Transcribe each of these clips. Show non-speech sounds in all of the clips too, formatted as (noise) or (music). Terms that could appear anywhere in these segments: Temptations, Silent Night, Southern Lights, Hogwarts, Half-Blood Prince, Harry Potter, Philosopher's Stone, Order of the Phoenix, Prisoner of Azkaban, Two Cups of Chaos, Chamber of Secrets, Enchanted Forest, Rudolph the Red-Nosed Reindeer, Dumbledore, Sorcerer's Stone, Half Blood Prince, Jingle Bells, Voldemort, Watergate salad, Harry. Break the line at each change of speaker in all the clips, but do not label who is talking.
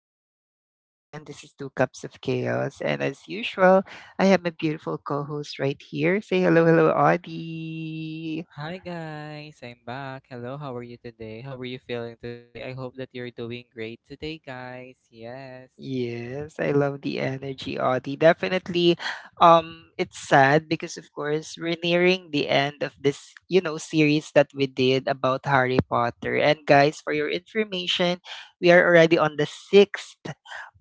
podcast. Once again, this is Two Cups of Chaos, and as usual, I have my beautiful co host right here. Say hello, hello, Audie.
Hi guys, I'm back. Hello, how are you today? How are you feeling today? I hope that you're doing great today, guys. Yes.
Yes, I love the energy, Audie. Definitely, it's sad because, of course, we're nearing the end of this, series that we did about Harry Potter. And guys, for your information, we are already on the sixth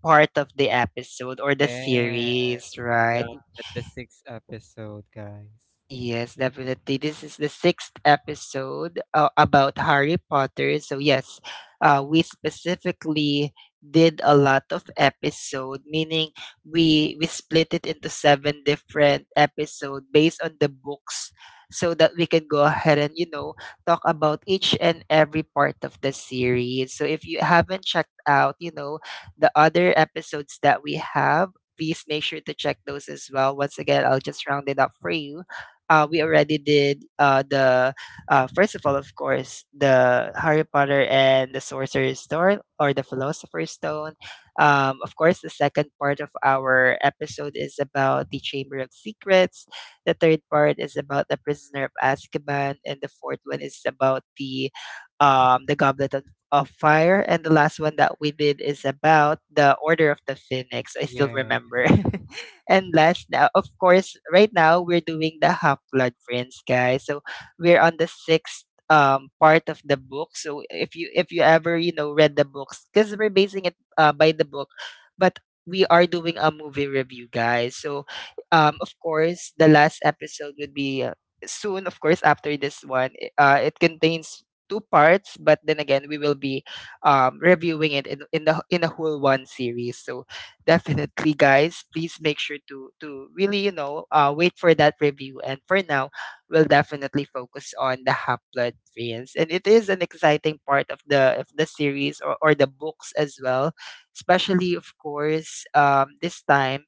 part of the episode or the
Yes,
series, right?
exactly. At the sixth episode, guys.
Yes, definitely. This is the sixth episode about Harry Potter. So, yes, we specifically did a lot of episode, meaning we split it into seven different episode based on the books, so that we can go ahead and talk about each and every part of the series. So, if you haven't checked out, the other episodes that we have. Please make sure to check those as well. Once again, I'll just round it up for you. Uh, we already did the first of all, of course, the Harry Potter and the Sorcerer's Stone or the Philosopher's Stone. Of course, the second part of our episode is about the Chamber of Secrets. The third part is about the Prisoner of Azkaban, and the fourth one is about the Goblet of Fire, and the last one that we did is about the Order of the Phoenix. I still
Yes.
remember. (laughs) And last now, of course, right now we're doing the Half Blood Prince, guys. So we're on the sixth part of the book. So if you ever read the books, because we're basing it by the book, but we are doing a movie review, guys. So of course the last episode would be soon. Of course after this one, it contains two parts, but then again we will be reviewing it in in the whole one series. So definitely, guys. Please make sure to really, wait for that review. And for now, we'll definitely focus on the Half-Blood Prince, and it is an exciting part of the series or the books as well. Especially, of course, this time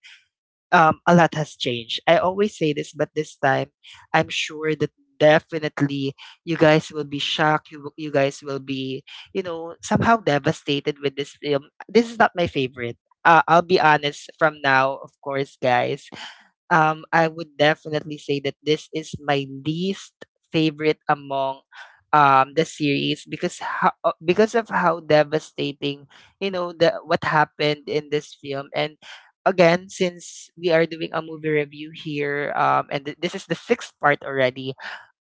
a lot has changed. I always say this, but this time, I'm sure that definitely you guys will be shocked. You guys will be, you know, somehow devastated with this film. This is not my favorite. I'll be honest from now, of course, guys. I would definitely say that this is my least favorite among the series because because of how devastating the what happened in this film. And again, since we are doing a movie review here, this is the sixth part already.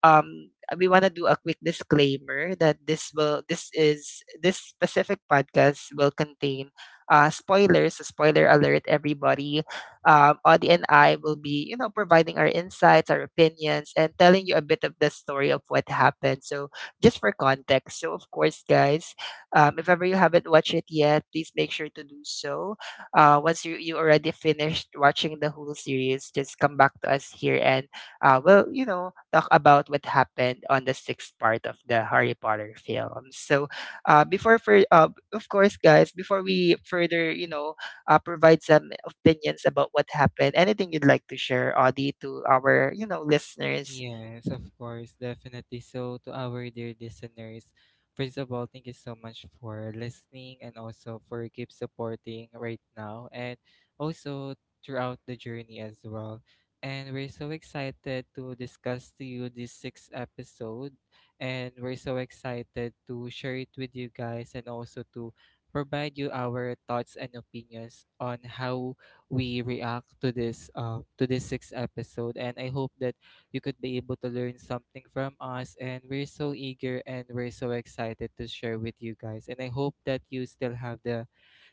Um, we want to do a quick disclaimer that this specific podcast will contain spoilers. So spoiler alert everybody, Audie and I will be, providing our insights, our opinions, and telling you a bit of the story of what happened, so just for context. So of course guys, if ever you haven't watched it yet, please make sure to do so. Uh, once you already finished watching the whole series, just come back to us here and will, talk about what happened on the sixth part of the Harry Potter film. So, of course, guys, before we further, provide some opinions about what happened, anything you'd like to share, Audie, to our, listeners?
Yes, of course, definitely. So, to our dear listeners, first of all, thank you so much for listening and also for keep supporting right now and also throughout the journey as well. And we're so excited to discuss to you this sixth episode, and we're so excited to share it with you guys and also to provide you our thoughts and opinions on how we react to this sixth episode. And I hope that you could be able to learn something from us. And we're so eager and we're so excited to share with you guys. And I hope that you still have the,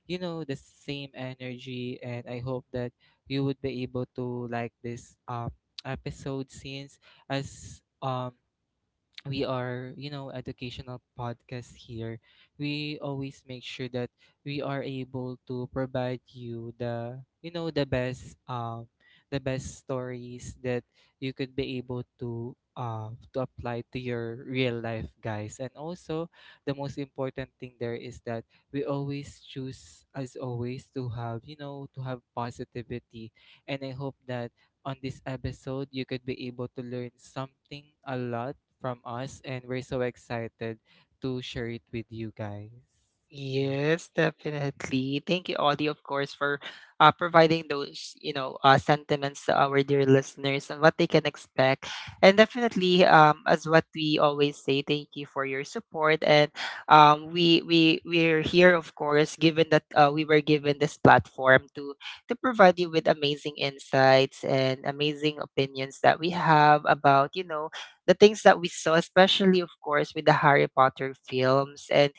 you know, the same energy. And I hope that you would be able to like this episode, since as we are educational podcast here. We always make sure that we are able to provide you the you know the best stories that you could be able to apply to your real life, guys. And also, the most important thing there is that we always choose, as always, to have positivity. And I hope that on this episode, you could be able to learn something a lot from us, and we're so excited to share it with you guys. Yes.
Yes, definitely. Thank you, Audie, of course, for providing those, sentiments to our dear listeners and what they can expect. And definitely, as what we always say, thank you for your support. And we're here, of course, given that we were given this platform to provide you with amazing insights and amazing opinions that we have about, the things that we saw, especially, of course, with the Harry Potter films. And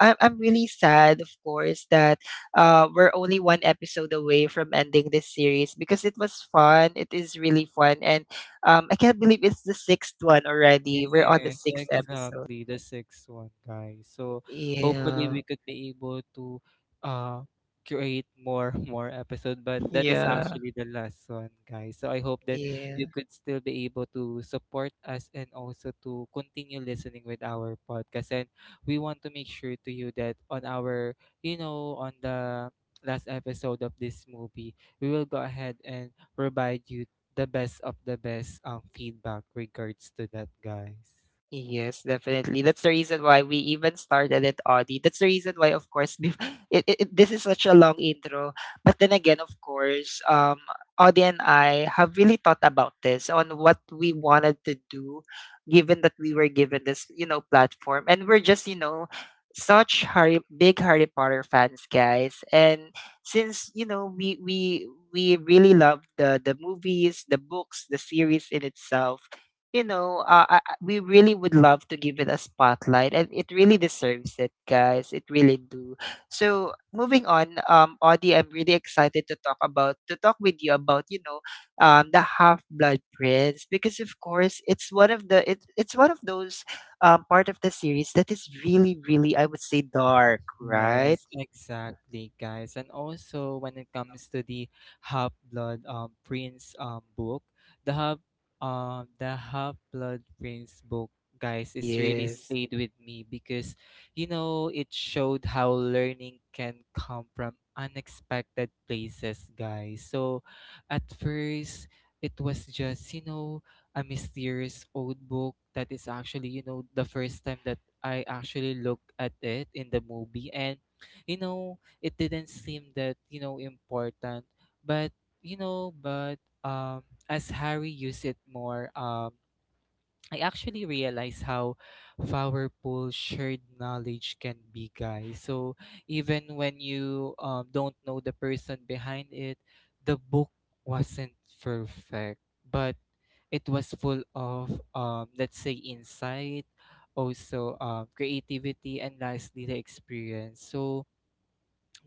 I- am I'm really sad, of course, that we're only one episode away from ending this series because it was fun. It is really fun, and I can't believe it's the sixth one already. We're on the
Yes,
sixth episode.
exactly. The sixth one, guys. So hopefully,
Yeah,
we could be able to uh create more (laughs) more episode, but that is
yeah,
actually the last one, guys. So I hope that you
yeah.
could still be able to support us and also to continue listening with our podcast. And we want to make sure to you that on our, you know, on the last episode of this movie, we will go ahead and provide you the best of the best feedback regards to that, guys.
Yes, definitely. That's the reason why we even started it, Audi. That's the reason why, of course, (laughs) this is such a long intro. But then again, of course, Audi and I have really thought about this on what we wanted to do, given that we were given this, platform, and we're just, you know, such Harry big Harry Potter fans, guys. And since, we really love the movies, the books, the series in itself, we really would love to give it a spotlight, and it really deserves it, guys. It really do. So moving on, Audie, I'm really excited to talk with you about, the Half Blood Prince, because of course it's one of those part of the series that is really really, I would say, dark, right?
Yes, exactly, guys. And also, when it comes to the Half Blood Prince book, the Half the Half Blood Prince book, guys, is really
Yes.
stayed with me because it showed how learning can come from unexpected places, guys. So, at first, it was just a mysterious old book that is actually the first time that I actually looked at it in the movie, and it didn't seem that important, but you know but as Harry used it more, I actually realize how powerful shared knowledge can be, guys. So even when you don't know the person behind it, the book wasn't perfect, but it was full of, let's say, insight, also creativity, and lastly, the experience. So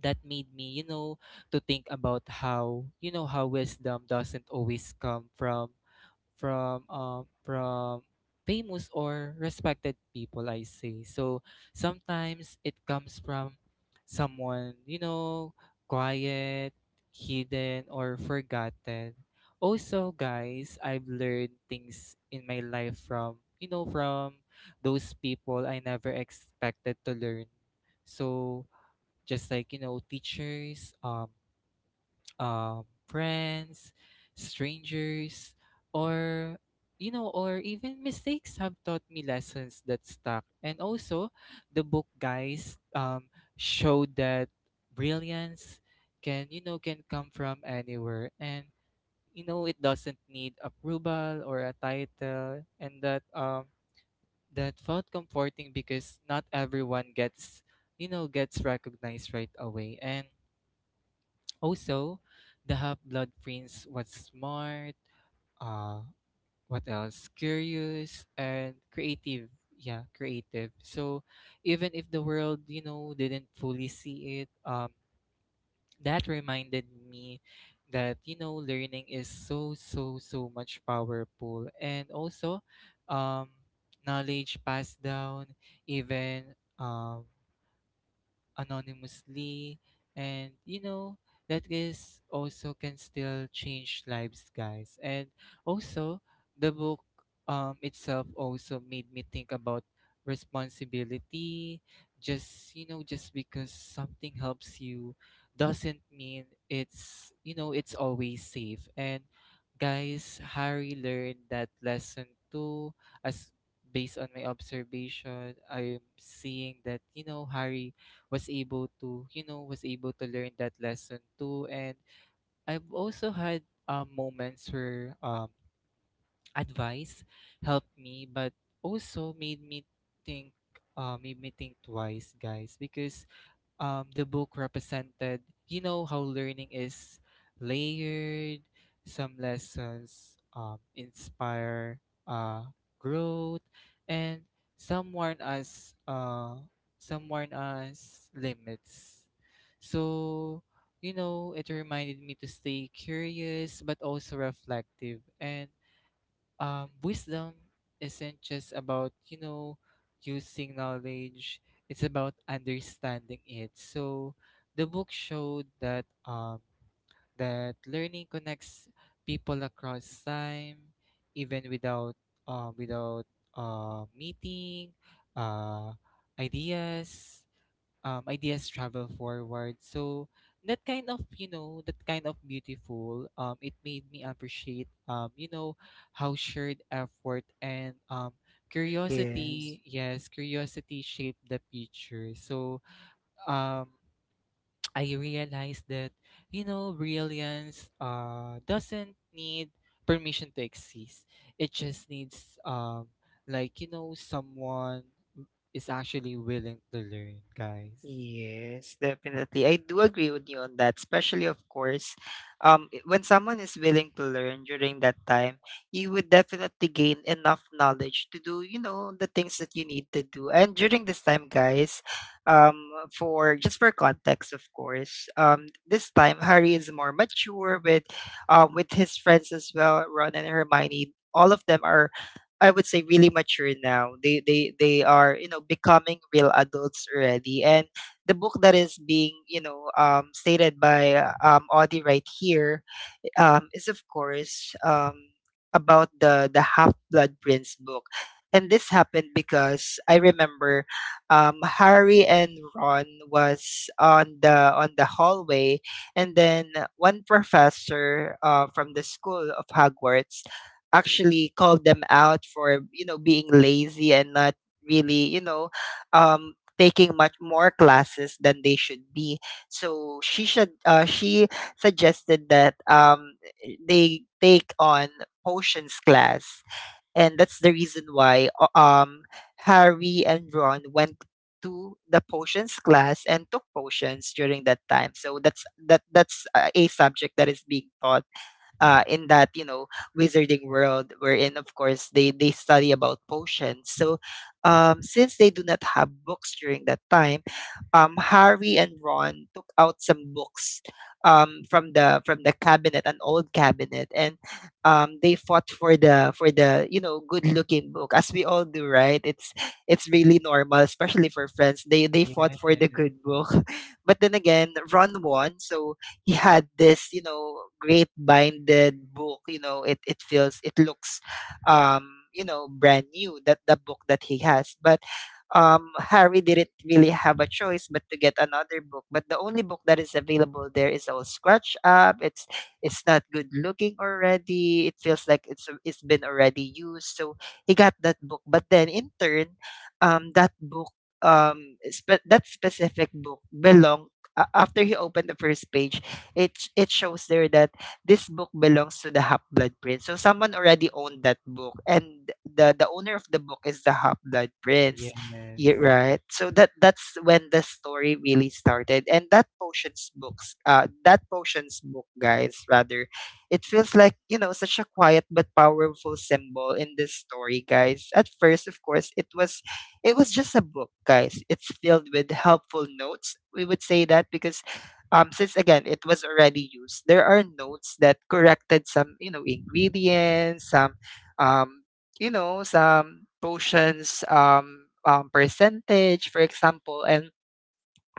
that made me, to think about how wisdom doesn't always come from famous or respected people, I say. So sometimes it comes from someone, quiet, hidden, or forgotten. Also guys, I've learned things in my life from those people I never expected to learn. So just like, teachers, friends, strangers, or or even mistakes have taught me lessons that stuck. And also, the book, guys, showed that brilliance can you know can come from anywhere, and it doesn't need approval or a title, and that felt comforting because not everyone gets you know gets recognized right away. And also, the Half Blood Prince was smart, uh, what else? Curious and creative. Yeah, creative. So even if the world, didn't fully see it, that reminded me that learning is so, so, so much powerful. And also, um, knowledge passed down, even anonymously, and that is also can still change lives, guys. And also, the book itself also made me think about responsibility. Just because something helps you doesn't mean it's you know it's always safe. And guys, Harry learned that lesson too, as based on my observation, I'm seeing that Harry was able to learn that lesson too. And I've also had moments where advice helped me, but also think, made me think twice, guys, because the book represented, how learning is layered. Some lessons, inspire uh, growth, and some warn us, uh, some warn us limits. So, it reminded me to stay curious but also reflective. And wisdom isn't just about using knowledge. It's about understanding it. So the book showed that learning connects people across time, even without meeting. uh, ideas ideas travel forward. So that kind of beautiful, it made me appreciate, how shared effort and,
Yes.
curiosity shaped the picture. So, um, (tsk) I realized that brilliance doesn't need permission to exist. It just needs, like, someone is actually willing to learn, guys.
Yes, definitely. I do agree with you on that, especially of course, when someone is willing to learn during that time, you would definitely gain enough knowledge to do, the things that you need to do. And during this time, guys, um, for just for context, of course, this time Harry is more mature with his friends as well, Ron and Hermione. All of them are, I would say, really mature now. They are, you know, becoming real adults already, and the book that is being, stated by Audie right here, is of course, about the Half Blood Prince book, and this happened because I remember, Harry and Ron was on the hallway, and then one professor from the school of Hogwarts actually called them out for, being lazy and not really, taking much more classes than they should be. So she suggested that, they take on potions class, and that's the reason why Harry and Ron went to the potions class and took potions during that time. So that's that that's a subject that is being taught in that, wizarding world, wherein of course they study about potions. So since they do not have books during that time, Harry and Ron took out some books, from the cabinet, an old cabinet, and they fought for the you know, good looking book, as we all do, right? It's really normal, especially for friends. They fought
Yes,
for the good book. (laughs) But then again, Ron won, so he had this, you know, great binded book. You know, it feels it looks, um, you know, brand new. That the book that he has, but Harry didn't really have a choice but to get another book. But the only book that is available there is all scratched up. It's not good looking already. It feels like it's been already used. So he got that book. But then in turn, um, that book, that specific book belonged. After he opened the first page, it shows there that this book belongs to the Half Blood Prince. So someone already owned that book, and the owner of the book is the Half Blood Prince. Yeah,
yes,
right. So that that's when the story really started. And that potions books, that potions book, guys, rather, it feels like, you know, such a quiet but powerful symbol in this story, guys. At first, of course, it was just a book, guys. It's filled with helpful notes, we would say that, because since again, it was already used, there are notes that corrected some, you know, ingredients, some um, you know, some potions percentage, for example. And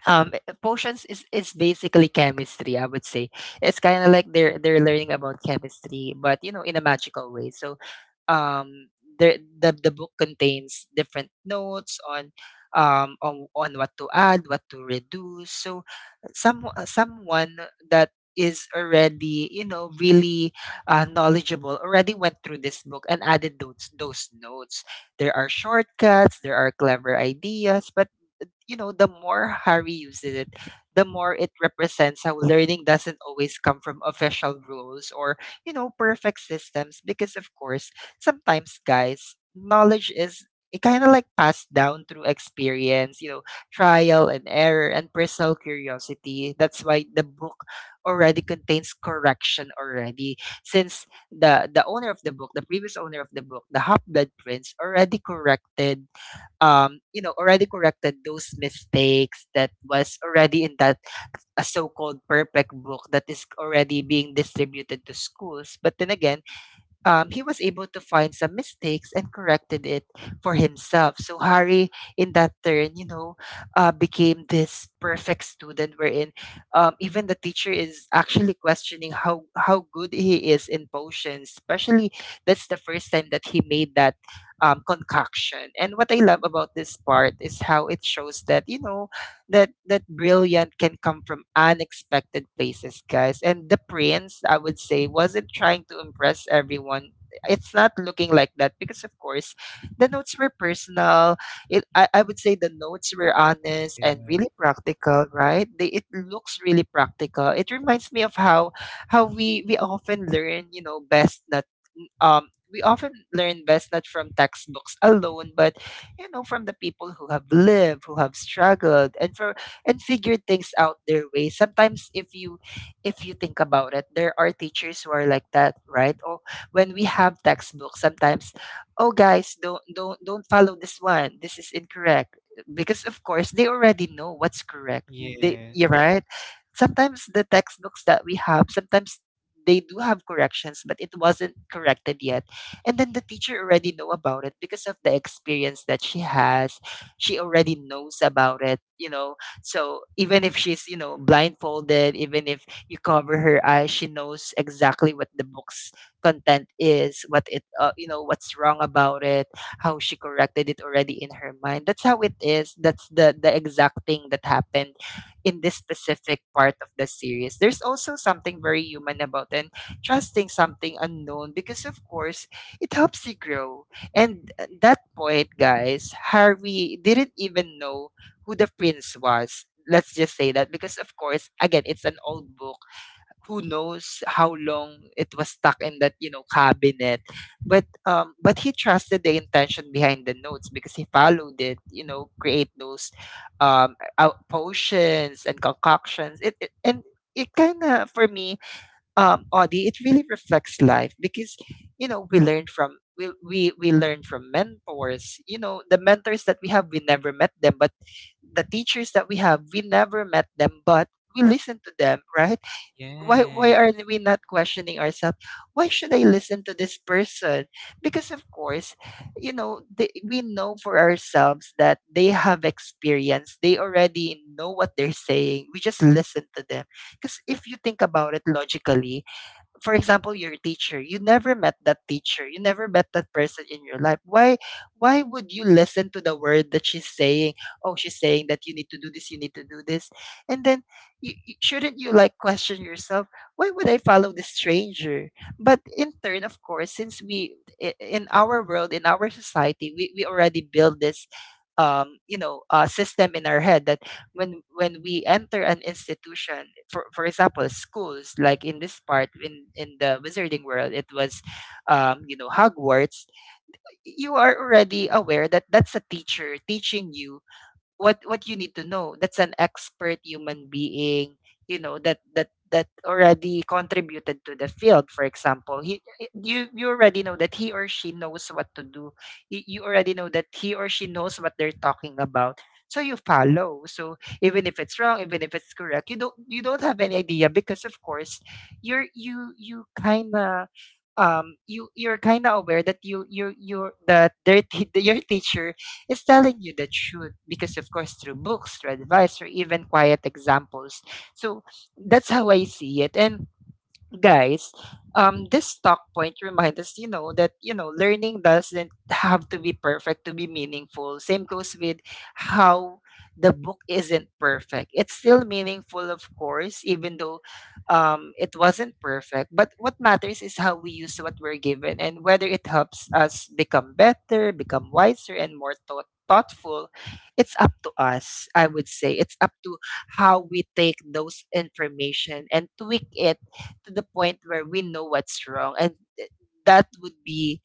potions is basically chemistry. I would say it's kind of like they're learning about chemistry, but you know, in a magical way. So um the book contains different notes on on what to add, what to reduce. So someone that is already, you know, really knowledgeable already went through this book and added those notes. There are shortcuts, there are clever ideas, but you know, the more Harry uses it, the more it represents how learning doesn't always come from official rules or, you know, perfect systems. Because, of course, sometimes, guys, knowledge is it kind of like passed down through experience, you know, trial and error and personal curiosity. That's why the book already contains correction already, since the owner of the book, the previous owner of the book, the Half Blood Prince, already corrected you know, already corrected those mistakes that was already in that a so-called perfect book that is already being distributed to schools. But then again, he was able to find some mistakes and corrected it for himself. So Harry, in that turn, you know, became this perfect student wherein even the teacher is actually questioning how good he is in potions. Especially that's the first time that he made that concoction. And what I love about this part is how it shows that you know that brilliant can come from unexpected places, guys. And the prince, I would say, wasn't trying to impress everyone. It's not looking like that because, of course, the notes were personal. I would say the notes were honest and
yes,
really practical, right? They, it looks really practical. It reminds me of how how we often learn, you know, best not we often learn best not from textbooks alone, but you know from the people who have lived, who have struggled, and for and figured things out their way. Sometimes, if you think about it, there are teachers who are like that, right? Or when we have textbooks sometimes, oh guys, don't follow this one, this is incorrect, because of course they already know what's correct. They,
yes,
you're right, sometimes the textbooks that we have sometimes they do have corrections but it wasn't corrected yet, and then the teacher already know about it because of the experience that she has. She already knows about it, you know. So even if she's, you know, blindfolded, even if you cover her eyes, she knows exactly what the book's content is, what it, you know, what's wrong about it, how she corrected it already in her mind. That's how it is. That's the exact thing that happened in this specific part of the series. There's also something very human about and trusting something unknown because of course it helps you grow. And at that point, guys, Harvey didn't even know who the prince was. Let's just say that because, of course, again, it's an old book. Who knows how long it was stuck in that, you know, cabinet? But he trusted the intention behind the notes because he followed it. You know, create those out potions and concoctions. It kind of, for me, Audie, it really reflects life because you know we learn from, we learn from mentors. You know, the mentors that we have, we never met them, but the teachers that we have, we never met them, but we listen to them, right? Why are
yes.
we not questioning ourselves? Why should I listen to this person? Because of course, you know, they, we know for ourselves that they have experience. They already know what they're saying. We just listen to them because, if you think about it logically, for example, your teacher, you never met that teacher, you never met that person in your life. Why would you listen to the word that she's saying? Oh, she's saying that you need to do this, you need to do this. And then shouldn't you like question yourself, why would I follow this stranger? But in turn, of course, since in our world, in our society, we already build this you know, system in our head that, when we enter an institution, for example schools, like in this part, in the wizarding world, it was you know, Hogwarts, you are already aware that that's a teacher teaching you what you need to know. That's an expert human being, you know, that that already contributed to the field. For example, you, you already know that he or she knows what to do. You already know that he or she knows what they're talking about, so you follow. So even if it's wrong, even if it's correct, you don't, you don't have any idea, because of course you kind of, you you're kind of aware that you you're that their te- (laughs) your teacher is telling you the truth because of course, through books, through advice, or even quiet examples. So that's how I see it. And guys, this talk point reminds us, you know, that you know, learning doesn't have to be perfect to be meaningful. Same goes with how the book isn't perfect. It's still meaningful, of course, even though it wasn't perfect. But what matters is how we use what we're given and whether it helps us become better, become wiser, and more thoughtful. It's up to us, I would say. It's up to how we take those information and tweak it to the point where we know what's wrong, and that would be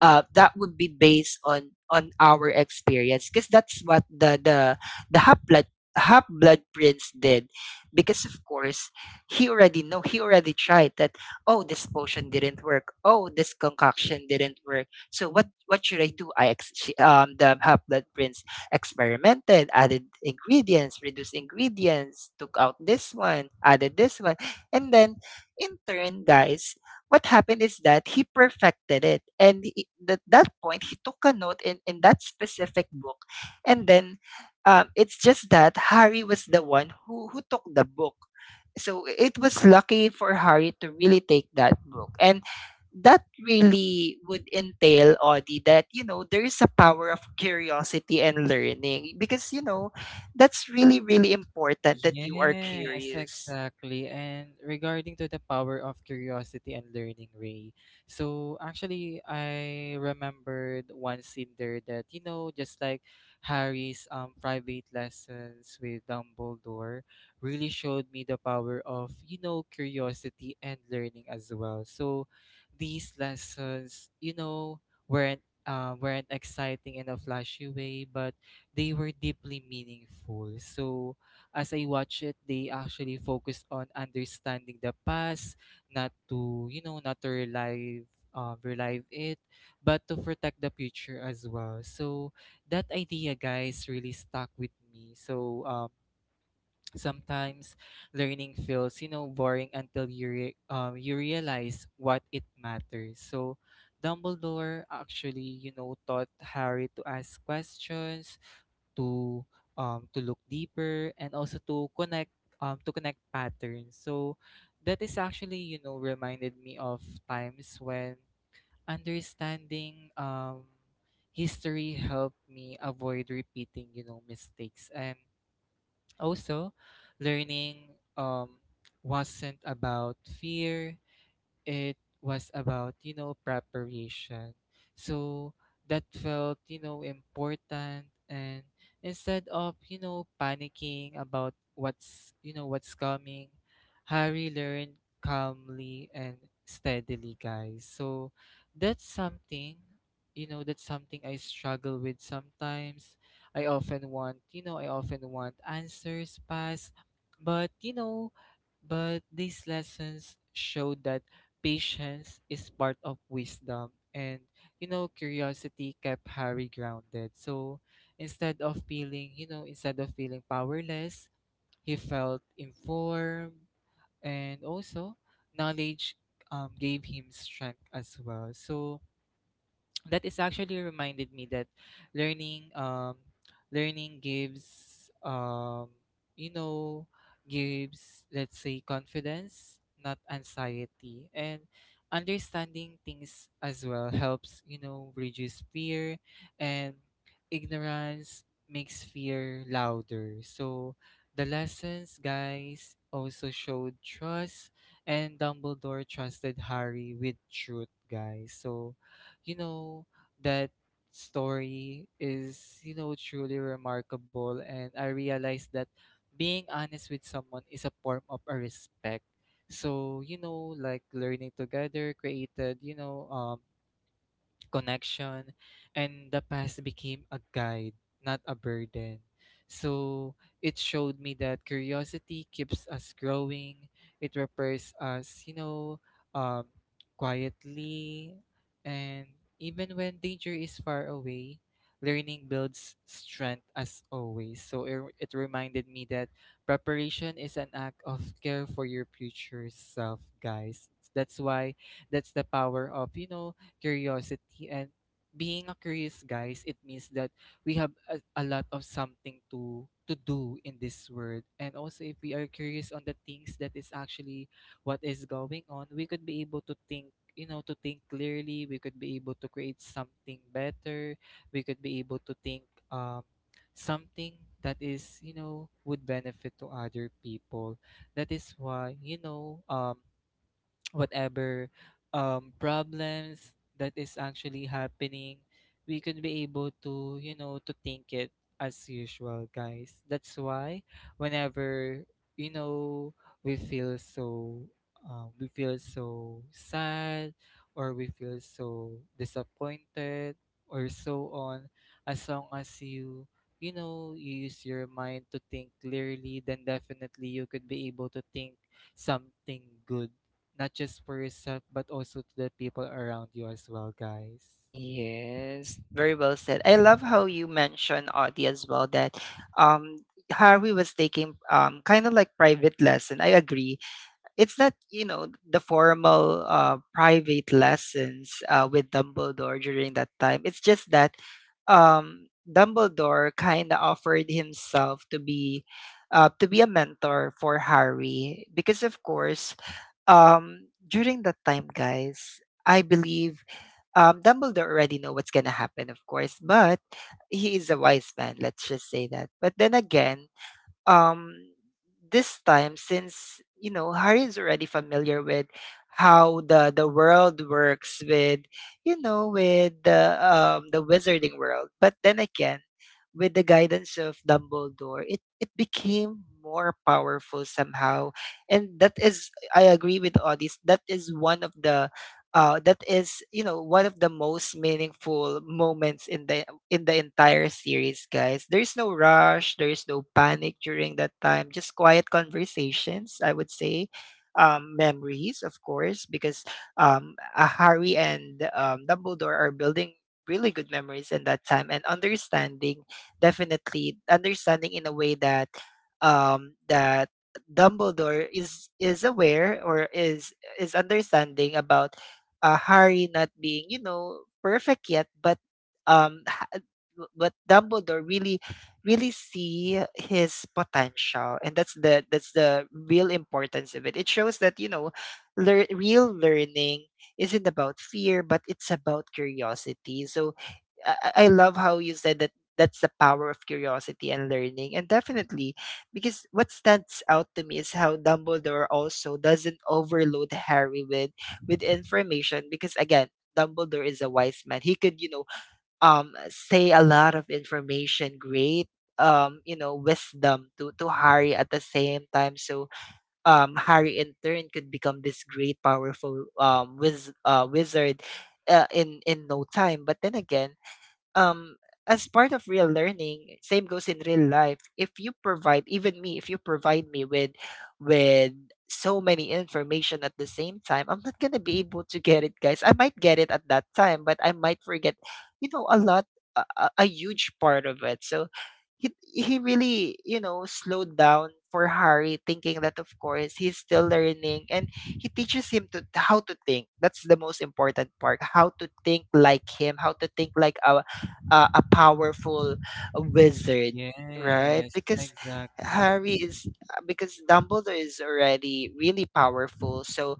that would be based on our experience, because that's what the half blood prince did. Because of course, he already know, he already tried that. Oh, this potion didn't work, oh this concoction didn't work, so what should I do? The half blood prince experimented, added ingredients, reduced ingredients, took out this one, added this one. And then, in turn, guys, what happened is that he perfected it. And he, at that point, he took a note in that specific book. And then it's just that Harry was the one who took the book. So it was lucky for Harry to really take that book. And that really would entail, Audie, that, you know, there is a power of curiosity and learning because, you know, that's really, really important that you are
Yes,
curious.
exactly. And regarding to the power of curiosity and learning, Ray. So actually, I remembered one scene there that, just like Harry's private lessons with Dumbledore, really showed me the power of curiosity and learning as well. So these lessons, weren't weren't exciting in a flashy way, but they were deeply meaningful. So as I watch it, they actually focus on understanding the past, not to relive it, but to protect the future as well. So that idea, guys, really stuck with me. So sometimes learning feels, boring until you realize what it matters. So Dumbledore actually, taught Harry to ask questions to to look deeper, and also to connect patterns. So that is actually reminded me of times when understanding, history helped me avoid repeating mistakes. And also, learning, wasn't about fear. It was about preparation. So that felt important, and instead of panicking about what's you know what's coming, Harry learned calmly and steadily, guys. So that's something that's something I struggle with sometimes. I often want answers fast, but you know but these lessons showed that patience is part of wisdom, and curiosity kept Harry grounded. So instead of feeling powerless, he felt informed, and also knowledge, gave him strength as well. So that is actually reminded me that learning um learning gives you know gives let's say, confidence, not anxiety. And understanding things as well helps reduce fear, and ignorance makes fear louder. So the lessons, guys, also showed trust, and Dumbledore trusted Harry with truth, guys. So, you know, that story is, truly remarkable. And I realized that being honest with someone is a form of a respect. So, like learning together created, connection, and the past became a guide, not a burden. So it showed me that curiosity keeps us growing. It repairs us, um, quietly, and even when danger is far away, learning builds strength as always. So it reminded me that preparation is an act of care for your future self, guys. That's why that's the power of curiosity. And being a curious, guys, it means that we have a lot of something to do in this world, and also, if we are curious on the things that is actually what is going on, we could be able to think you know to think clearly. We could be able to create something better. We could be able to think, um something that is, would benefit to other people. That is why, whatever, problems that is actually happening, we could be able to think it as usual, guys. That's why, whenever, you know, we feel so, we feel so sad, or we feel so disappointed, or so on. As long as, you use your mind to think clearly, then definitely you could be able to think something good, not just for yourself, but also to the people around you as well, guys.
Yes, very well said. I love how you mentioned Audie as well that um Harvey was taking kind of like private lesson. I agree. It's not, you know, the formal private lessons with Dumbledore during that time. It's just that Dumbledore kind of offered himself to be a mentor for Harry, because of course, during that time guys, I believe Dumbledore already know what's gonna happen, of course, but he is a wise man. Let's just say that. But then again, um this time, since you know, Harry is already familiar with how the world works, with you know, with the wizarding world, but then again, with the guidance of Dumbledore, it became more powerful somehow. And that is, I agree with Odys, that is one of the that is, you know, one of the most meaningful moments in the entire series, guys. There's no rush, there's no panic during that time, just quiet conversations, I would say. Memories, of course, because Harry and Dumbledore are building really good memories in that time, and understanding, definitely understanding, in a way that that Dumbledore is aware, or is understanding about Harry not being, you know, perfect yet, but um, but Dumbledore really really see his potential, and that's the, that's the real importance of it. It shows that you know real learning isn't about fear, but it's about curiosity. So I love how you said that that's the power of curiosity and learning. And definitely, because what stands out to me is how Dumbledore also doesn't overload Harry with information, because again, Dumbledore is a wise man. He could, you know, say a lot of information, great you know, wisdom to Harry at the same time. So Harry in turn could become this great, powerful wizard in no time. But then again, um, as part of real learning, same goes in real life. If you provide, even me, if you provide me with so many information at the same time, I'm not gonna be able to get it, guys. I might get it at that time, but I might forget, you know, a lot, a huge part of it. So he really, you know, slowed down for Harry, thinking that of course he's still learning, and he teaches him to how to think. That's the most important part. How to think like him, how to think like our a powerful wizard, right?
Yes,
Because
exactly.
Harry is because Dumbledore is already really powerful. So,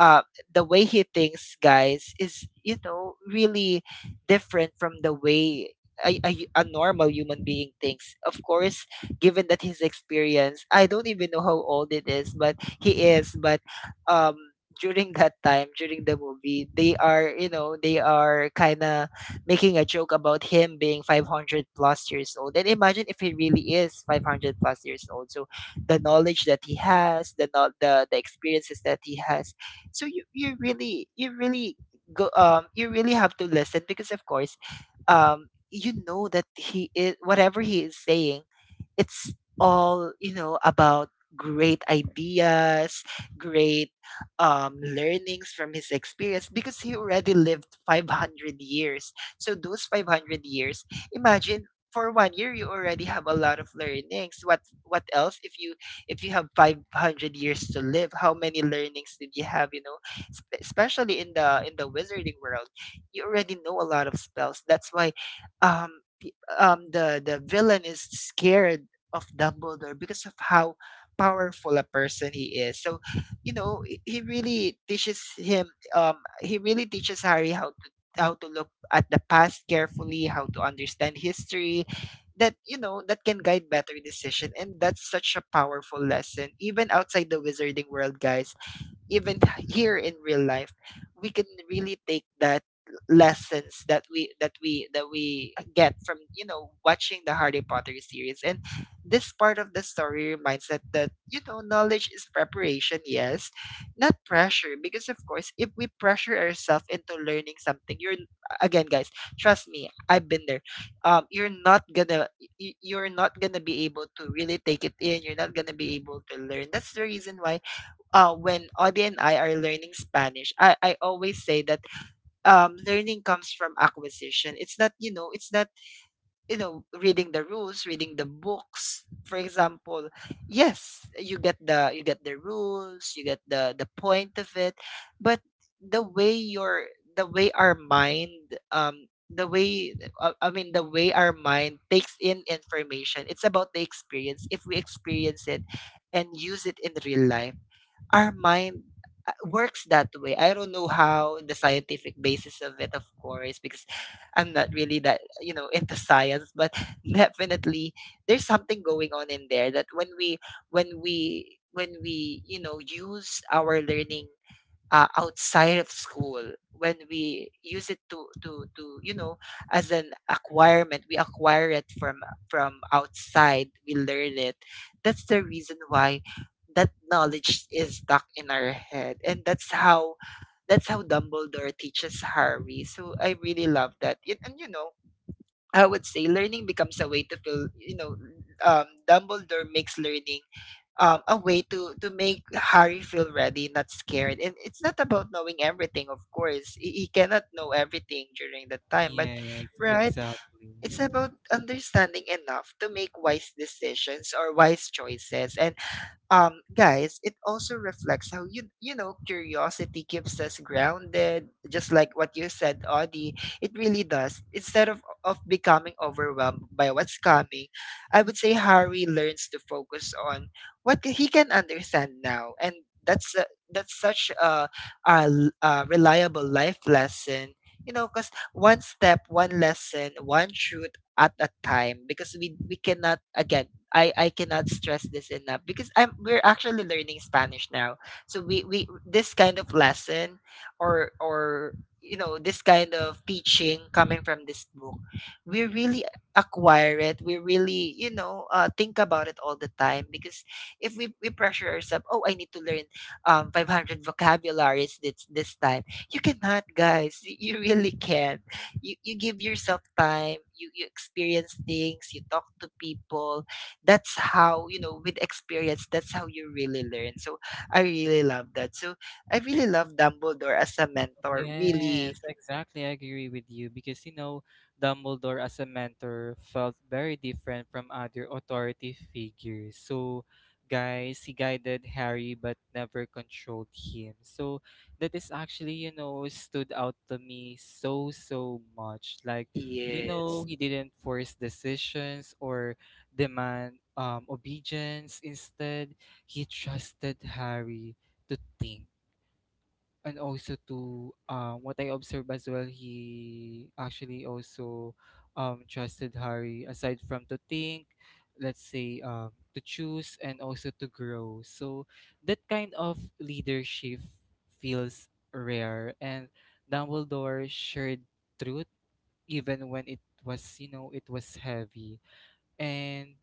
uh, the way he thinks, guys, is you know really different from the way. A normal human being thinks. Of course, given that his experience, I don't even know how old it is, but he is. But um, during that time, during the movie, they are, they are kind of making a joke about him being 500 plus years old. And imagine if he really is 500 plus years old. So the knowledge that he has, the not the experiences that he has. So you really go you really have to listen because of course you know that he is whatever he is saying it's all, you know, about great ideas, great learnings from his experience because he already lived 500 years. So those 500 years, imagine, for one year you already have a lot of learnings. What else if you have 500 years to live, how many learnings did you have, you know? Especially in the wizarding world, you already know a lot of spells. That's why um pe- the villain is scared of Dumbledore because of how powerful a person he is. So, you know, he really teaches him, he really teaches Harry how to look at the past carefully, how to understand history, that, you know, that can guide better decision. And that's such a powerful lesson, even outside the wizarding world, guys. Even (laughs) here in real life we can really take that lessons that we get from, you know, watching the Harry Potter series. And this part of the story reminds that that you know, knowledge is preparation, yes, not pressure. Because of course, if we pressure ourselves into learning something, you're, again, guys, trust me, I've been there. You're not gonna you're not gonna be able to really take it in, you're not gonna be able to learn. That's the reason why, when Audie and I are learning Spanish, I always say that, learning comes from acquisition. It's not, you know, it's not, you know, reading the rules, reading the books. For example, yes, you get the, you get the rules, you get the point of it, but the way your the way our mind, the way the way our mind takes in information, it's about the experience. If we experience it and use it in real life, our mind, works that way. I don't know how the scientific basis of it, of course, because I'm not really that, you know, into science, but (laughs) definitely there's something going on in there that when we when we when we, you know, use our learning, outside of school, when we use it to you know, as an acquirement, we acquire it from outside, we learn it. That's the reason why that knowledge is stuck in our head, and that's how Dumbledore teaches Harry. So I really love that. And, you know, I would say learning becomes a way to feel, you know, Dumbledore makes learning, a way to make Harry feel ready, not scared. And it's not about knowing everything, of course. He cannot know everything during that time, but
Yes,
right,
exactly.
it's about understanding enough to make wise decisions or wise choices. And guys, it also reflects how you know curiosity keeps us grounded, just like what you said, Audie. It really does. Instead of becoming overwhelmed by what's coming, I would say Harry learns to focus on what he can understand now. And that's a, that's such a, a reliable life lesson, you know, because one step, one lesson, one truth at a time. Because we cannot, again, I cannot stress this enough, because I'm we're actually learning Spanish now. So we this kind of lesson, or you know, this kind of teaching coming from this book, we really acquire it. We really, you know, think about it all the time. Because if we pressure ourselves, oh, I need to learn 500 vocabularies this time. You cannot, guys. You really can. You give yourself time. You experience things. You talk to people. That's how, you know, with experience, that's how you really learn. So I really love that. So I really love Dumbledore as a mentor, really.
Yes, exactly. I agree with you because Dumbledore as a mentor felt very different from other authority figures. So, guys, he guided Harry but never controlled him. So, that is actually, stood out to me so, so much. Like,
Yes.
he didn't force decisions or demand obedience. Instead, he trusted Harry to think, and also to what I observed as well, he actually also trusted Harry aside from to think, let's say to choose and also to grow. So that kind of leadership feels rare, and Dumbledore shared truth even when it was heavy. And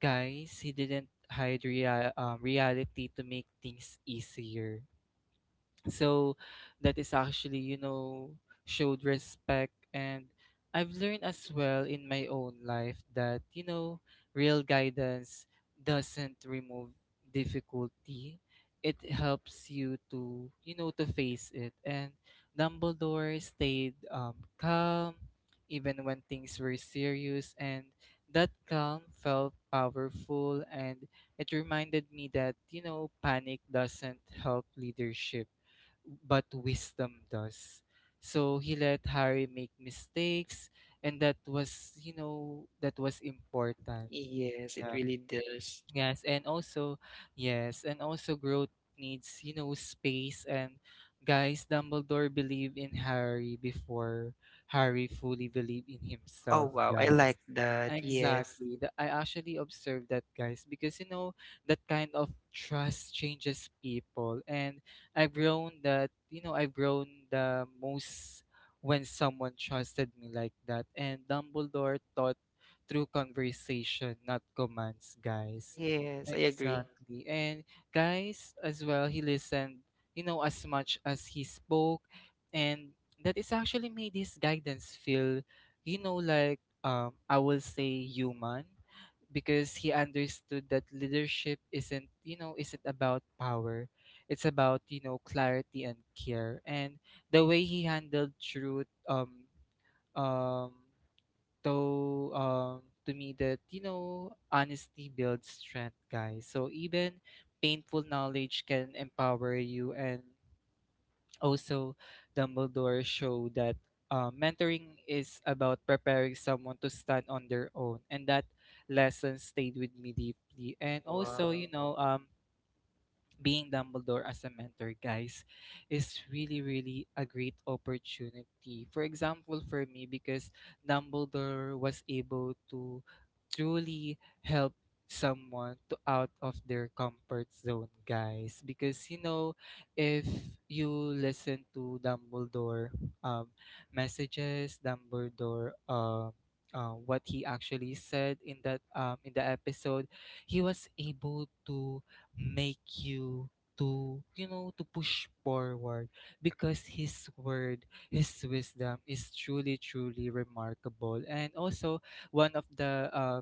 guys, he didn't hide reality to make things easier. So that is actually showed respect. And I've learned as well in my own life that real guidance doesn't remove difficulty. It helps you to you know to face it. And Dumbledore stayed calm even when things were serious, and that calm felt powerful. And it reminded me that panic doesn't help leadership, but wisdom does. So he let Harry make mistakes, and that was important.
Yes, it
Yeah.
really does.
Yes, and also, yes, and also, growth needs space. And guys, Dumbledore believed in Harry before Harry fully believed in
Oh,
himself,
wow, I
guys.
like that. Yes.
Exactly. I actually observed that, guys, because that kind of trust changes people. And I've grown that, you know, I've grown the most when someone trusted me like that. And Dumbledore taught through conversation, not commands, guys.
Yes, I agree.
Exactly. And guys, as well, he listened as much as he spoke. And that is actually made his guidance feel, like I will say human, because he understood that leadership isn't, you know, isn't about power. It's about clarity and care. And the way he handled truth, um, so, to me, that honesty builds strength, guys. So even painful knowledge can empower you. And also, Dumbledore showed that mentoring is about preparing someone to stand on their own, and that lesson stayed with me deeply. And also,
Wow.
you know, um, being Dumbledore as a mentor, guys, is really, really a great opportunity. For example, for me, because Dumbledore was able to truly help someone to out of their comfort zone, guys. Because if you listen to Dumbledore um, messages, Dumbledore what he actually said in that in the episode, he was able to make you to you know to push forward, because his wisdom is truly truly remarkable. And also, one of the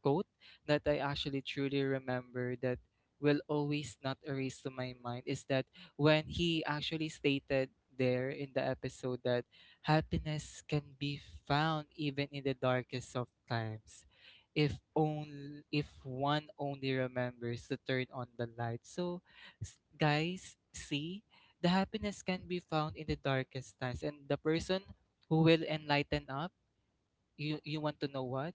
quote that I actually truly remember, that will always not erase to my mind, is that when he actually stated there in the episode that happiness can be found even in the darkest of times, if only if one only remembers to turn on the light. So, guys, see, the happiness can be found in the darkest times, and the person who will enlighten up, you want to know what?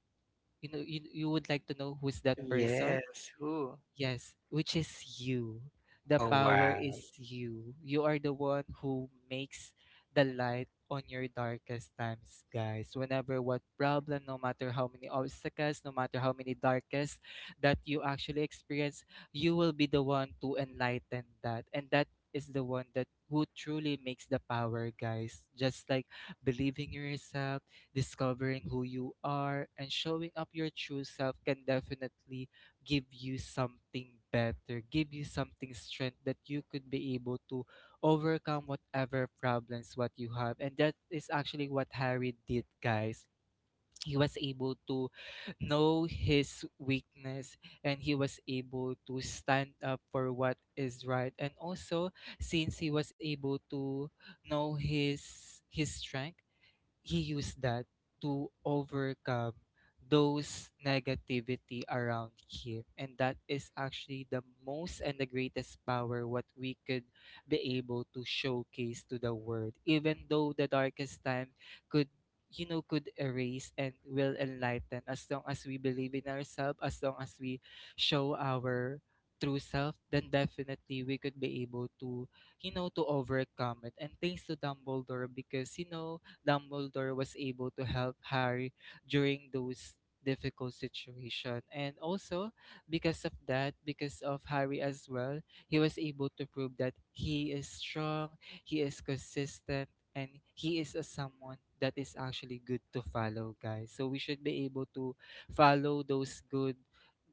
You would like to know who's that person?
Yes, who?
Yes, which is you. The
Oh,
power
wow.
is You are the one who makes the light on your darkest times, guys. Whenever what problem, no matter how many obstacles, no matter how many darkest that you actually experience, you will be the one to enlighten that. And that is the one that who truly makes the power, guys. Just like believing in yourself, discovering who you are and showing up your true self can definitely give you something better, give you something strength that you could be able to overcome whatever problems what you have. And that is actually what Harry did, guys. He was able to know his weakness, and he was able to stand up for what is right. And also, since he was able to know his strength, he used that to overcome those negativity around him. And that is actually the most and the greatest power what we could be able to showcase to the world, even though the darkest time could you know could erase and will enlighten. As long as we believe in ourselves, as long as we show our true self, then definitely we could be able to to overcome it. And thanks to Dumbledore, because Dumbledore was able to help Harry during those difficult situation. And also, because of Harry as well, he was able to prove that he is strong, he is consistent, and he is a someone that is actually good to follow, guys. So we should be able to follow those good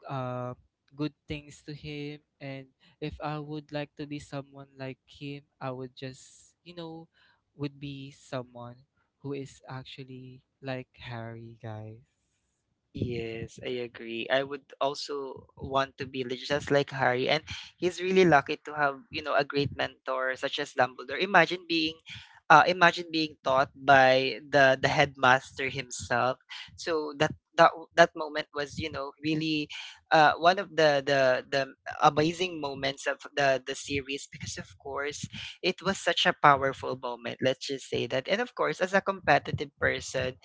uh, good things to him. And if I would like to be someone like him, I would just would be someone who is actually like Harry, guys.
Yes, I agree. I would also want to be just like Harry. And he's really lucky to have, you know, a great mentor such as Dumbledore. Imagine being taught by the headmaster himself. So that moment was, you know, really, one of the amazing moments of the series. Because of course it was such a powerful moment, let's just say that. And of course, as a competitive person,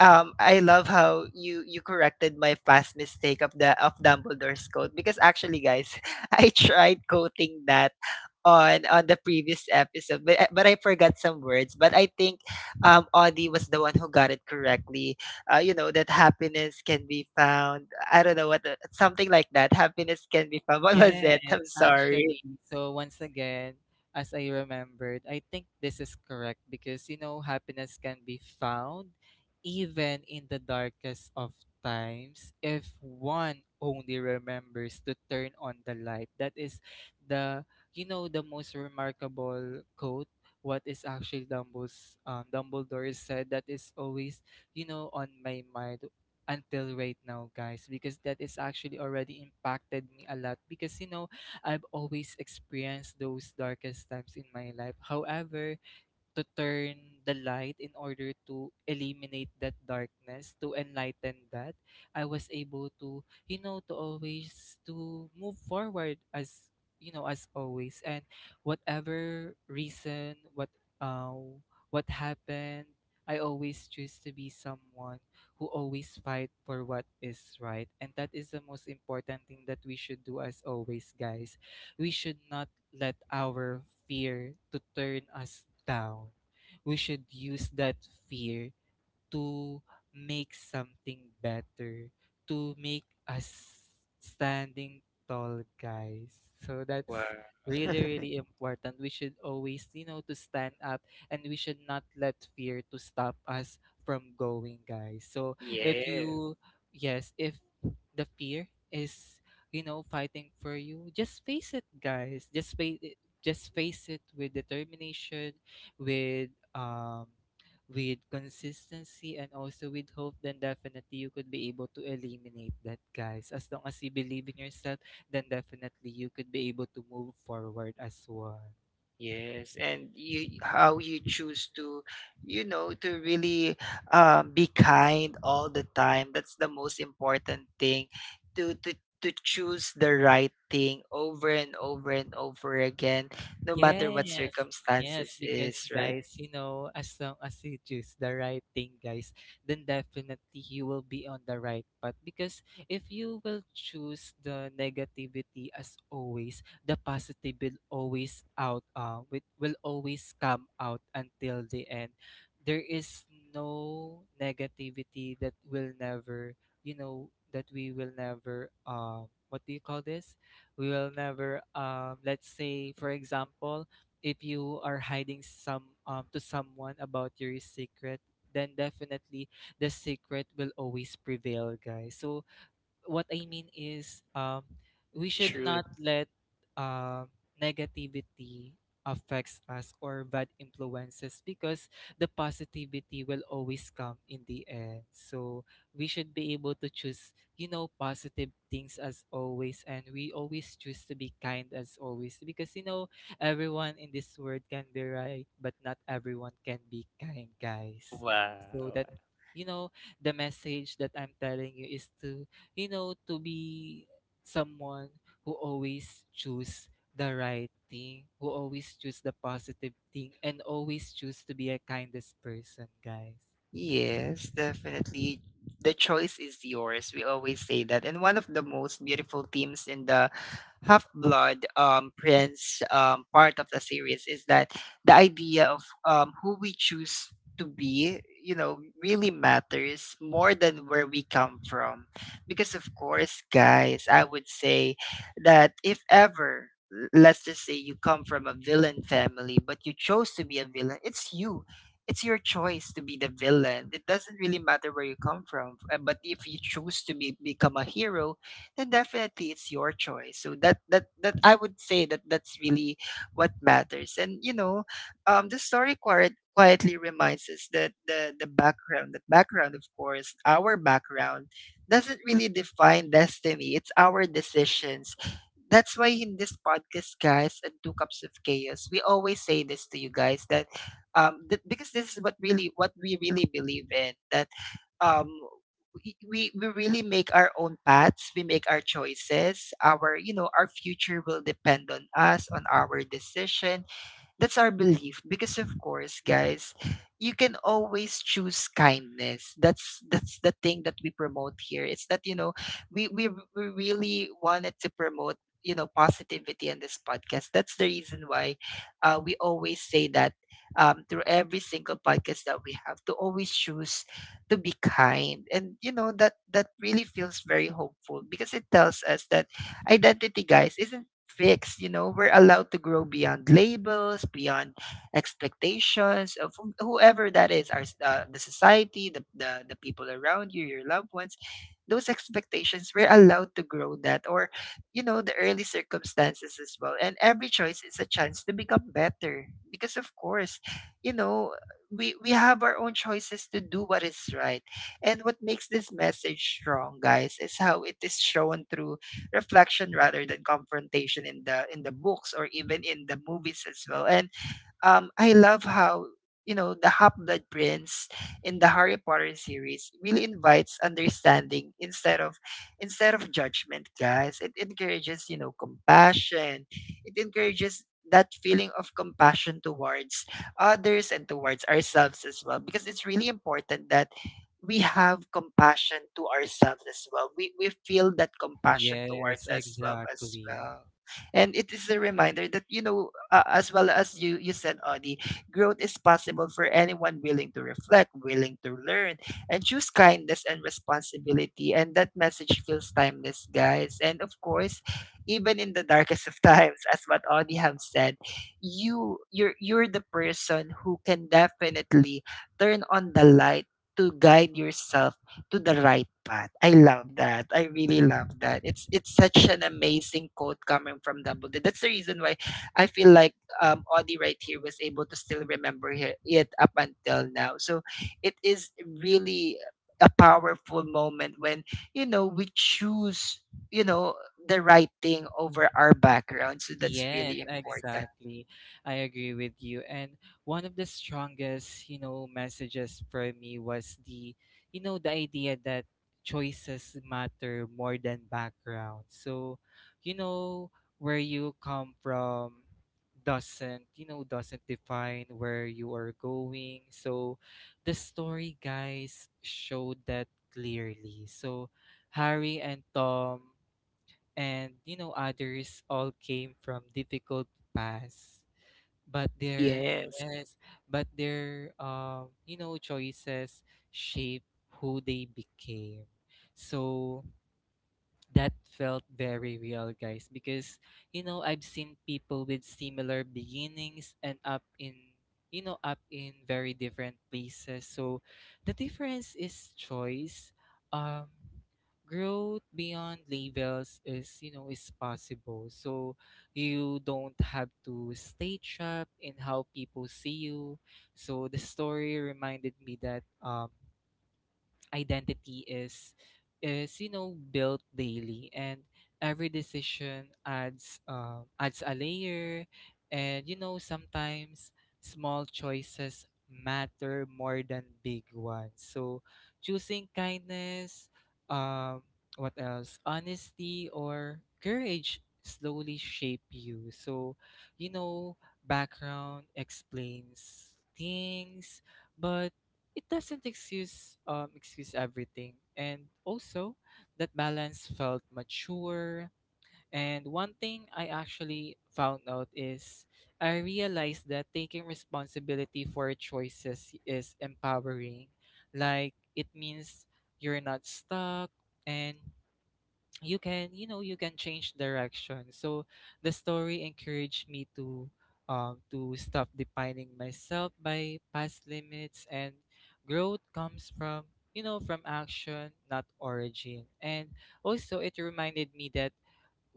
I love how you corrected my past mistake of the, of Dumbledore's coat. Because actually, guys, (laughs) I tried coating that on the previous episode, but but I forgot some words. But I think Audie was the one who got it correctly, you know, that happiness can be found. I don't know what something like that, happiness can be found (laughs) what was it,
Yes,
I'm sorry.
actually. So once again, as I remembered, I think this is correct, because happiness can be found even in the darkest of times, if one only remembers to turn on the light. That is the you know the most remarkable quote what is actually Dumbledore said that is always on my mind until right now, guys, because that is actually already impacted me a lot. Because I've always experienced those darkest times in my life. However, to turn the light in order to eliminate that darkness, to enlighten that, I was able to to always to move forward as as always. And whatever reason uh, what happened, I always choose to be someone who always fight for what is right. And that is the most important thing that we should do as always, guys. We should not let our fear to turn us down. We should use that fear to make something better, to make us standing tall, guys. So
Wow.
that's really, really important. We should always to stand up, and we should not let fear to stop us from going, guys. So,
(laughs)
if
Yes.
you, yes, if the fear is, fighting for you, just face it, guys. Just face it. Just face it with determination, with um with consistency, and also with hope, then definitely you could be able to eliminate that, guys. As long as you believe in yourself, then definitely you could be able to move forward as well.
Yes, and you, how you choose to, you know, to really, be kind all the time. That's the most important thing. To choose the right thing over and over and over again, no matter what
Yes, yes,
circumstances
because
is, right?
guys, as long as you choose the right thing, guys, then definitely you will be on the right path. Because if you will choose the negativity as always, the positive will always come out until the end. There is no negativity that will never, you know, that we will never, um, — what do you call this? We will never — let's say for example, if you are hiding some to someone about your secret, then definitely the secret will always prevail, guys. So what I mean is, we
The
should
truth.
not let um negativity affects us or bad influences, because the positivity will always come in the end. So we should be able to choose positive things as always, and we always choose to be kind as always, because everyone in this world can be right, but not everyone can be kind, guys. So
Wow.
that you know the message that I'm telling you is to be someone who always choose the right thing, who always choose the positive thing, and always choose to be a kindest person, guys.
Yes, definitely. The choice is yours. We always say that. And one of the most beautiful themes in the Half Blood, Prince, part of the series is that the idea of, who we choose to be, you know, really matters more than where we come from. Because, of course, guys, I would say that if ever, let's just say you come from a villain family, but you chose to be a villain, it's you, it's your choice to be the villain. It doesn't really matter where you come from. But if you choose to become a hero, then definitely it's your choice. So that I would say that that's really what matters. And you know, the story quietly reminds us that the, background, of course, our background doesn't really define destiny. It's our decisions. That's why in this podcast, guys, and Two Cups of Chaos, we always say this to you guys that because this is what really, what we really believe in, that um, we really make our own paths. We make our choices. Our, you know, our future will depend on us, on our decision. That's our belief. Because of course, guys, you can always choose kindness. That's the thing that we promote here. It's that, you know, we we, we really wanted to promote, you know, positivity in this podcast. That's the reason why, we always say that, through every single podcast that we have, to always choose to be kind. And you know that that really feels very hopeful, because it tells us that identity, guys, isn't fixed. You know, we're allowed to grow beyond labels, beyond expectations of whoever that is, our the society, the people around you, your loved ones. Those expectations, we're allowed to grow that, or you know, the early circumstances as well. And every choice is a chance to become better, because of course, you know. We have our own choices to do what is right. And what makes this message strong, guys, is how it is shown through reflection rather than confrontation in the, books or even in the movies as well. And I love how, you know, the Half Blood Prince in the Harry Potter series really invites understanding instead of judgment, guys. It encourages, you know, compassion. It encourages that feeling of compassion towards others and towards ourselves as well, because it's really important that we have compassion to ourselves as well. We feel that compassion
Yes,
towards us well as
exactly.
well. And it is a reminder that, you know, as well as you you said, Audie, growth is possible for anyone willing to reflect, willing to learn and choose kindness and responsibility. And that message feels timeless, guys. And of course, even in the darkest of (laughs) times, as what Audie have said, you're the person who can definitely turn on the light to guide yourself to the right path. I love that. I really love that. It's such an amazing quote coming from Dumbledore. That's the reason why I feel like Audie right here was able to still remember it up until now. So it is really a powerful moment when we choose you know the right thing over our background. So that's
Yes,
really important.
exactly. I agree with you. And one of the strongest messages for me was the idea that choices matter more than background. So, you know, where you come from doesn't define where you are going. So, the story guys showed that clearly. So, Harry and Tom and others all came from difficult paths but
Exactly.
their
Yes.
Yes, but their choices shape who they became. So that felt very real, guys, because I've seen people with similar beginnings and up in very different places. So the difference is choice. Um growth beyond labels is possible, so you don't have to stay trapped in how people see you. So the story reminded me that identity is built daily, and every decision adds a layer. And sometimes small choices matter more than big ones. So choosing kindness, um what else, honesty or courage, slowly shape you. So background explains things, but it doesn't excuse everything. And also, that balance felt mature. And one thing I actually found out is, I realized that taking responsibility for choices is empowering, like it means you're not stuck, and you can change direction. So the story encouraged me to stop defining myself by past limits. And growth comes from you know from action, not origin. And also, it reminded me that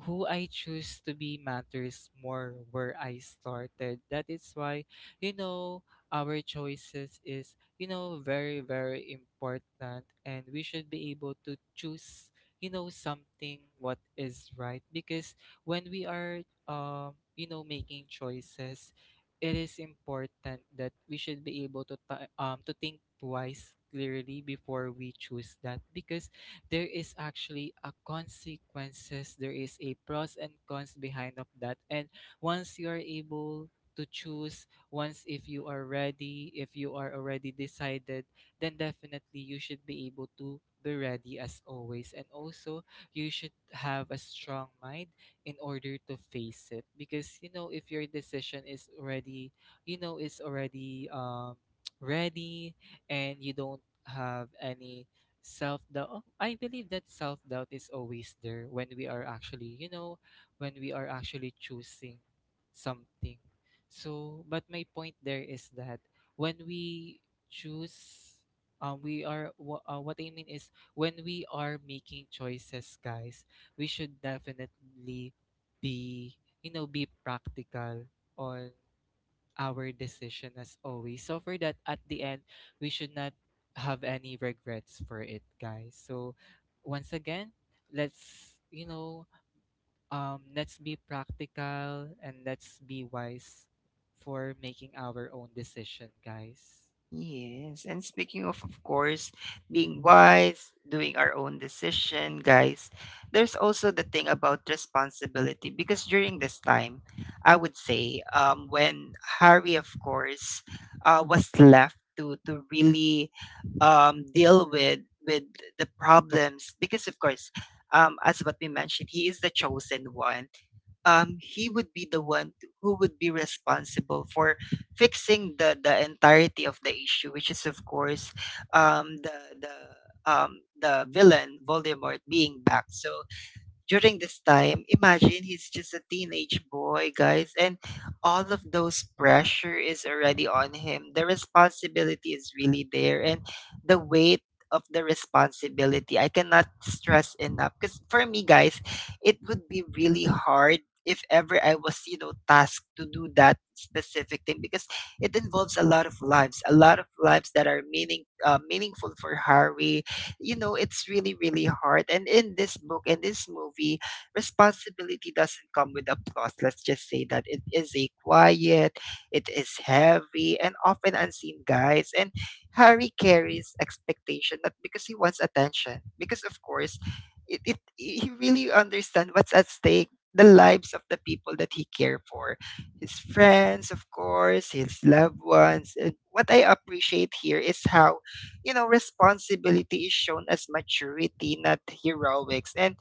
who I choose to be matters more where I started. That is why, you know, our choices is, you know, very, very important and we should be able to choose, you know, something what is right. Because when we are you know, making choices, it is important that we should be able to to think twice clearly before we choose that because there is actually a consequences there is a pros and cons behind of that. And once you are able to choose, once if you are ready, if you are already decided, then definitely you should be able to be ready as always. And also you should have a strong mind in order to face it because, you know, if your decision is already, you know, is already (tsk) ready, and you don't have any self doubt. I believe that self doubt is always there when we are actually, you know, when we are actually choosing something. So but my point there is that when we choose, what I mean is when we are making choices, guys, we should definitely be, you know, be practical on our decision as always. So for that, at the end, we should not have any regrets for it, guys. So once again, let's you know, let's be practical and let's be wise for making our own decision, guys.
Yes, and speaking of course, being wise, doing our own decision, guys, there's also the thing about responsibility because during this time, I would say, when Harry, of course, was left to really deal with the problems because, of course, as what we mentioned, he is the chosen one. He would be the one who would be responsible for fixing the entirety of the issue, which is of course um, the the the villain Voldemort being back. So during this time, imagine he's just a teenage boy, guys, and all of those pressure is already on him. The responsibility is really there, and the weight of the responsibility I cannot stress enough. Because for me, guys, it would be really hard if ever I was, you know, tasked to do that specific thing because it involves a lot of lives, a lot of lives that are meaning meaningful for Harry. You know, it's really really hard, and in this book, in this movie, responsibility doesn't come with applause. Let's just say that it is a quiet, it is heavy, and often unseen, guys. And Harry carries expectation not because he wants attention, because of course it, it he really understands what's at stake, the lives of the people that he care for, his friends of course, his loved ones. And what I appreciate here is how, you know, responsibility is shown as maturity, not heroics. And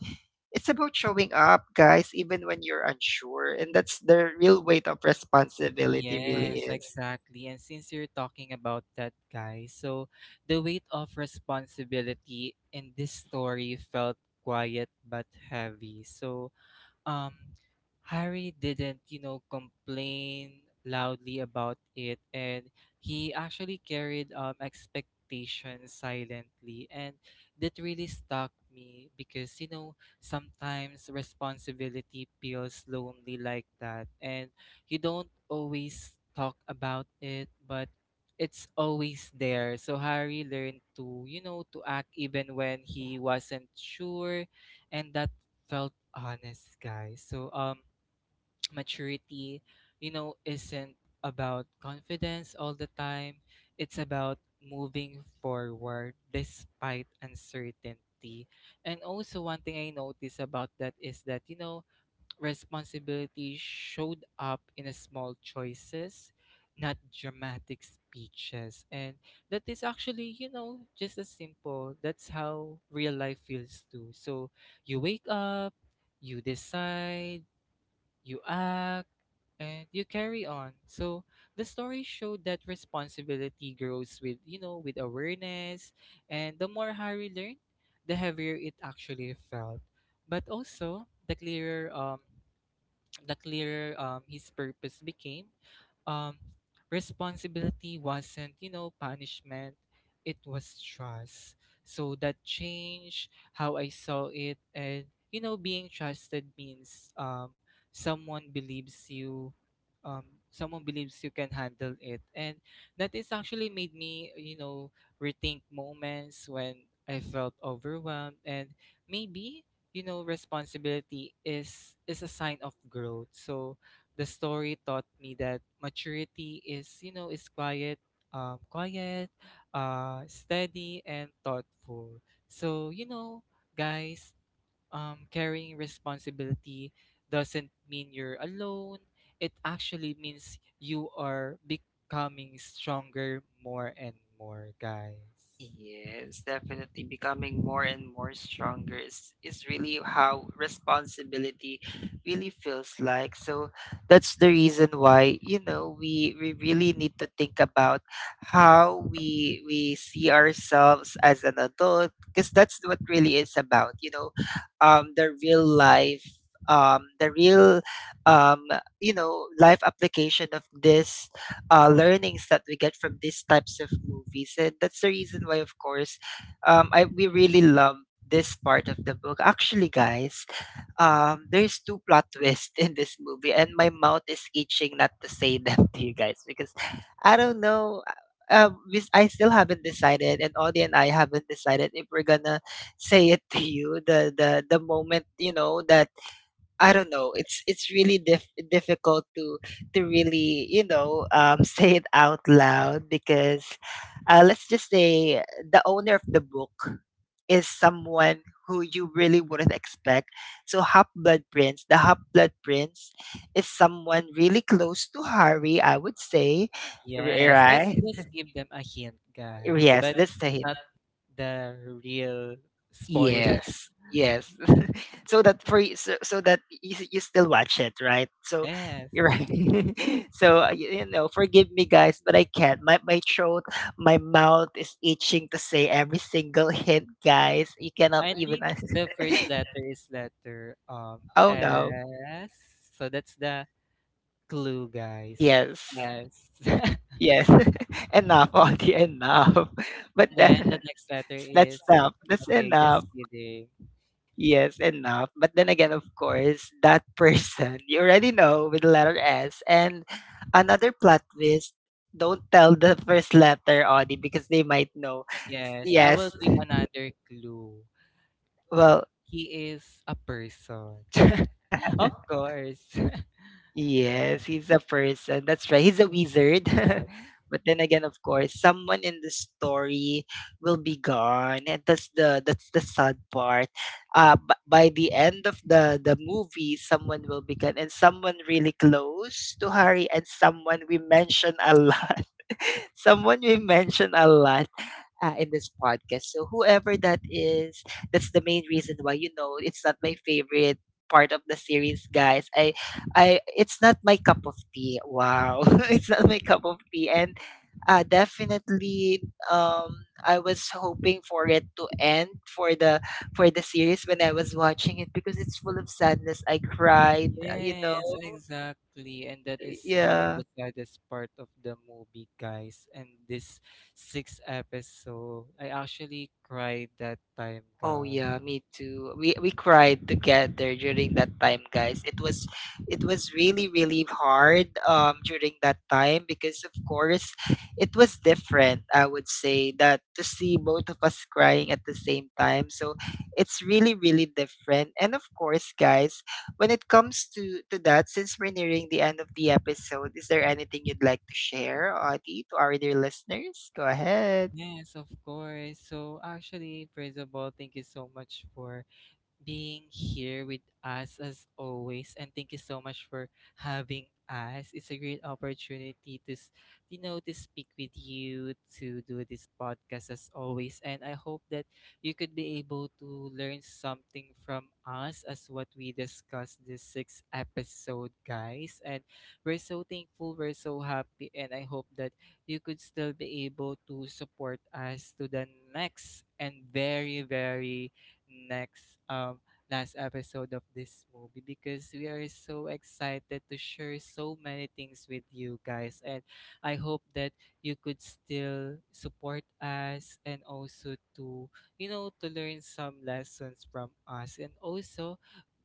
it's about showing up, guys, even when you're unsure. And that's the real weight of responsibility really
Yes,
is.
exactly. And since you're talking about that, guys, so the weight of responsibility in this story felt quiet but heavy. So Um, Harry didn't, you know, complain loudly about it, and he actually carried expectations silently, and that really stuck me because, you know, sometimes responsibility feels lonely like that, and you don't always talk about it, but it's always there. So Harry learned to, you know, to act even when he wasn't sure, and that felt honest, guys. So, (tsk) maturity, you know, isn't about confidence all the time. It's about moving forward despite uncertainty. And also, one thing I notice about that is that, you know, responsibility showed up in a small choices, not dramatic speeches. And that is actually, you know, just as simple. That's how real life feels too. So you wake up, you decide, you act, and you carry on. So the story showed that responsibility grows with, you know, with awareness. And the more Harry learned, the heavier it actually felt. But also, the clearer his purpose became. Um, Responsibility wasn't, you know, punishment, it was trust. So that changed how I saw it. And, you know, being trusted means someone believes you. Um, Someone believes you can handle it, and that is actually made me, you know, rethink moments when I felt overwhelmed. And maybe, you know, responsibility is a sign of growth. So the story taught me that maturity is, you know, is quiet, quiet, steady, and thoughtful. So, you know, guys, carrying responsibility doesn't mean you're alone. It actually means you are becoming stronger more and more, guys.
Yes, definitely becoming more and more stronger is really how responsibility really feels like. So that's the reason why, you know, we really need to think about how we see ourselves as an adult, because that's what really is about, you know, the real life, the real um you know, life application of this learnings that we get from these types of movies. And that's the reason why, of course, I we really love this part of the book. Actually, guys, there's two plot twists (laughs) in this movie, and my mouth is itching not to say (laughs) them to you guys because I don't know. I still haven't decided, and Audie and I haven't decided if we're gonna say it to you the moment, you know that I don't know. It's really difficult to really, you know, (laughs) say it out loud because let's just say the owner of the book is someone who you really wouldn't expect. So Half Blood Prince, the Half Blood Prince, is someone really close to Harry, I would say,
Yes, let's
right?
just give them a hint, guys,
Yes,
but
that's the hint.
not the real spoiler.
Yes.
(laughs)
Yes. (laughs) So that for you, so, so that you, you still watch it, right? So
Yes,
you're right. (laughs) So you know, forgive me guys, but I can't. My throat, my mouth is itching to say every single (laughs) hint, guys. You cannot
I
even
think
ask-
the first
(laughs)
letter is letter
Oh no.
S, so that's the clue, guys.
Yes.
Yes, (laughs)
Yes. (laughs) Enough, Audie, enough. (laughs) But
and then the
that,
next letter
(laughs)
is
that's enough. That's
okay.
enough.
Just kidding.
Yes, enough. But then again, of course, that (laughs) person you already know, with the letter S. And another plot twist, don't tell the first letter, Audie, because they might know.
Yes, I will
Yes.
give another clue.
Well,
He is a person, (laughs)
(laughs)
of course. (laughs) Yeah.
yes, he's a person. That's right. He's a wizard. (laughs) But then again, of course, someone in the story will be gone, and that's the sad part. By the end of the movie, someone will be gone, and someone really close to Harry, and someone we mention a lot. (laughs) Someone we mention a lot in this podcast. So whoever that is, that's the main reason why, you know, it's not my favorite part of the series, guys. It's not my cup of tea. Wow, (laughs) it's not my cup of tea, and definitely, um, I was hoping for it to end, for the, for the series when I was watching it because it's full of sadness. I cried, you know.
Yes, exactly. And that is one of
Yeah.
the saddest part of the movie, guys. And this sixth episode, I actually cried that time,
Oh
God.
yeah, me too. We cried together during that time, guys. It was really really hard during that time because of course it was different. I would say that, to see both of us crying at the same time. So it's really really different. And of course, guys, when it comes to that, since we're nearing the end of the episode, is there anything you'd like to share, Audie, to our dear listeners? Go ahead.
Yes, of course. So actually, first of all, thank you so much for being here with us as always, and thank you so much for having us. It's a great opportunity to, you know, to speak with you to do this podcast as always, and I hope that you could be able to learn something from us as what we discussed this sixth episode, guys. And we're so thankful, we're so happy, and I hope that you could still be able to support us to the next and very, very next last episode of this movie because we are so excited to share so many things with you, guys. And I hope that you could still support us and also to, you know, to learn some lessons from us. And also,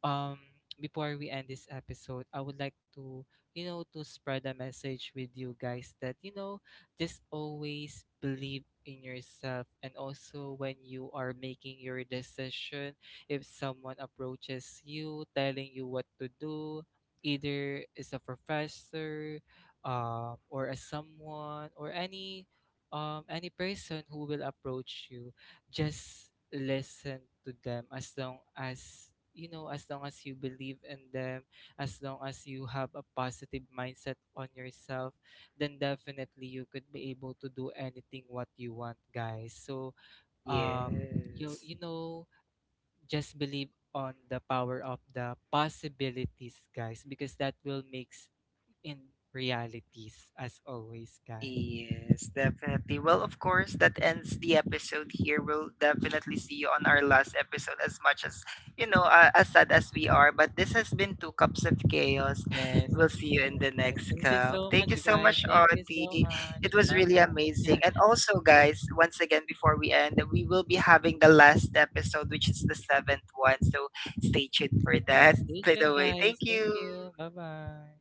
um before we end this episode, I would like to, you know, to spread a message with you, guys, that, you know, just always believe in yourself. And also, when you are making your decision, if someone approaches you telling you what to do, either as a professor, or as someone, or any person who will approach you, just listen to them as long as, you know, as long as you believe in them, as long as you have a positive mindset on yourself, then definitely you could be able to do anything what you want, guys. So uh, you
Yes.
you know, just believe on the power of the possibilities, guys, because that will makes in realities as always, guys.
Yes, definitely. Well, of course, that ends the episode here. We'll definitely see you on our last episode as much as, you know, as sad as we are. But this has been Two Cups of Chaos.
Yes.
We'll see you in the
Yes.
next
Thank you
cup.
so
Thank you
much,
so
guys.
much,
Thank you
Audie.
so much.
It was
Bye
really amazing.
bye.
And
(laughs)
also, guys, once again, before we end, we will be having the last episode, which is the seventh one. So stay tuned for that.
Yes. Stay
By the
tuned,
way, thank
guys. Thank
you.
you. Bye bye.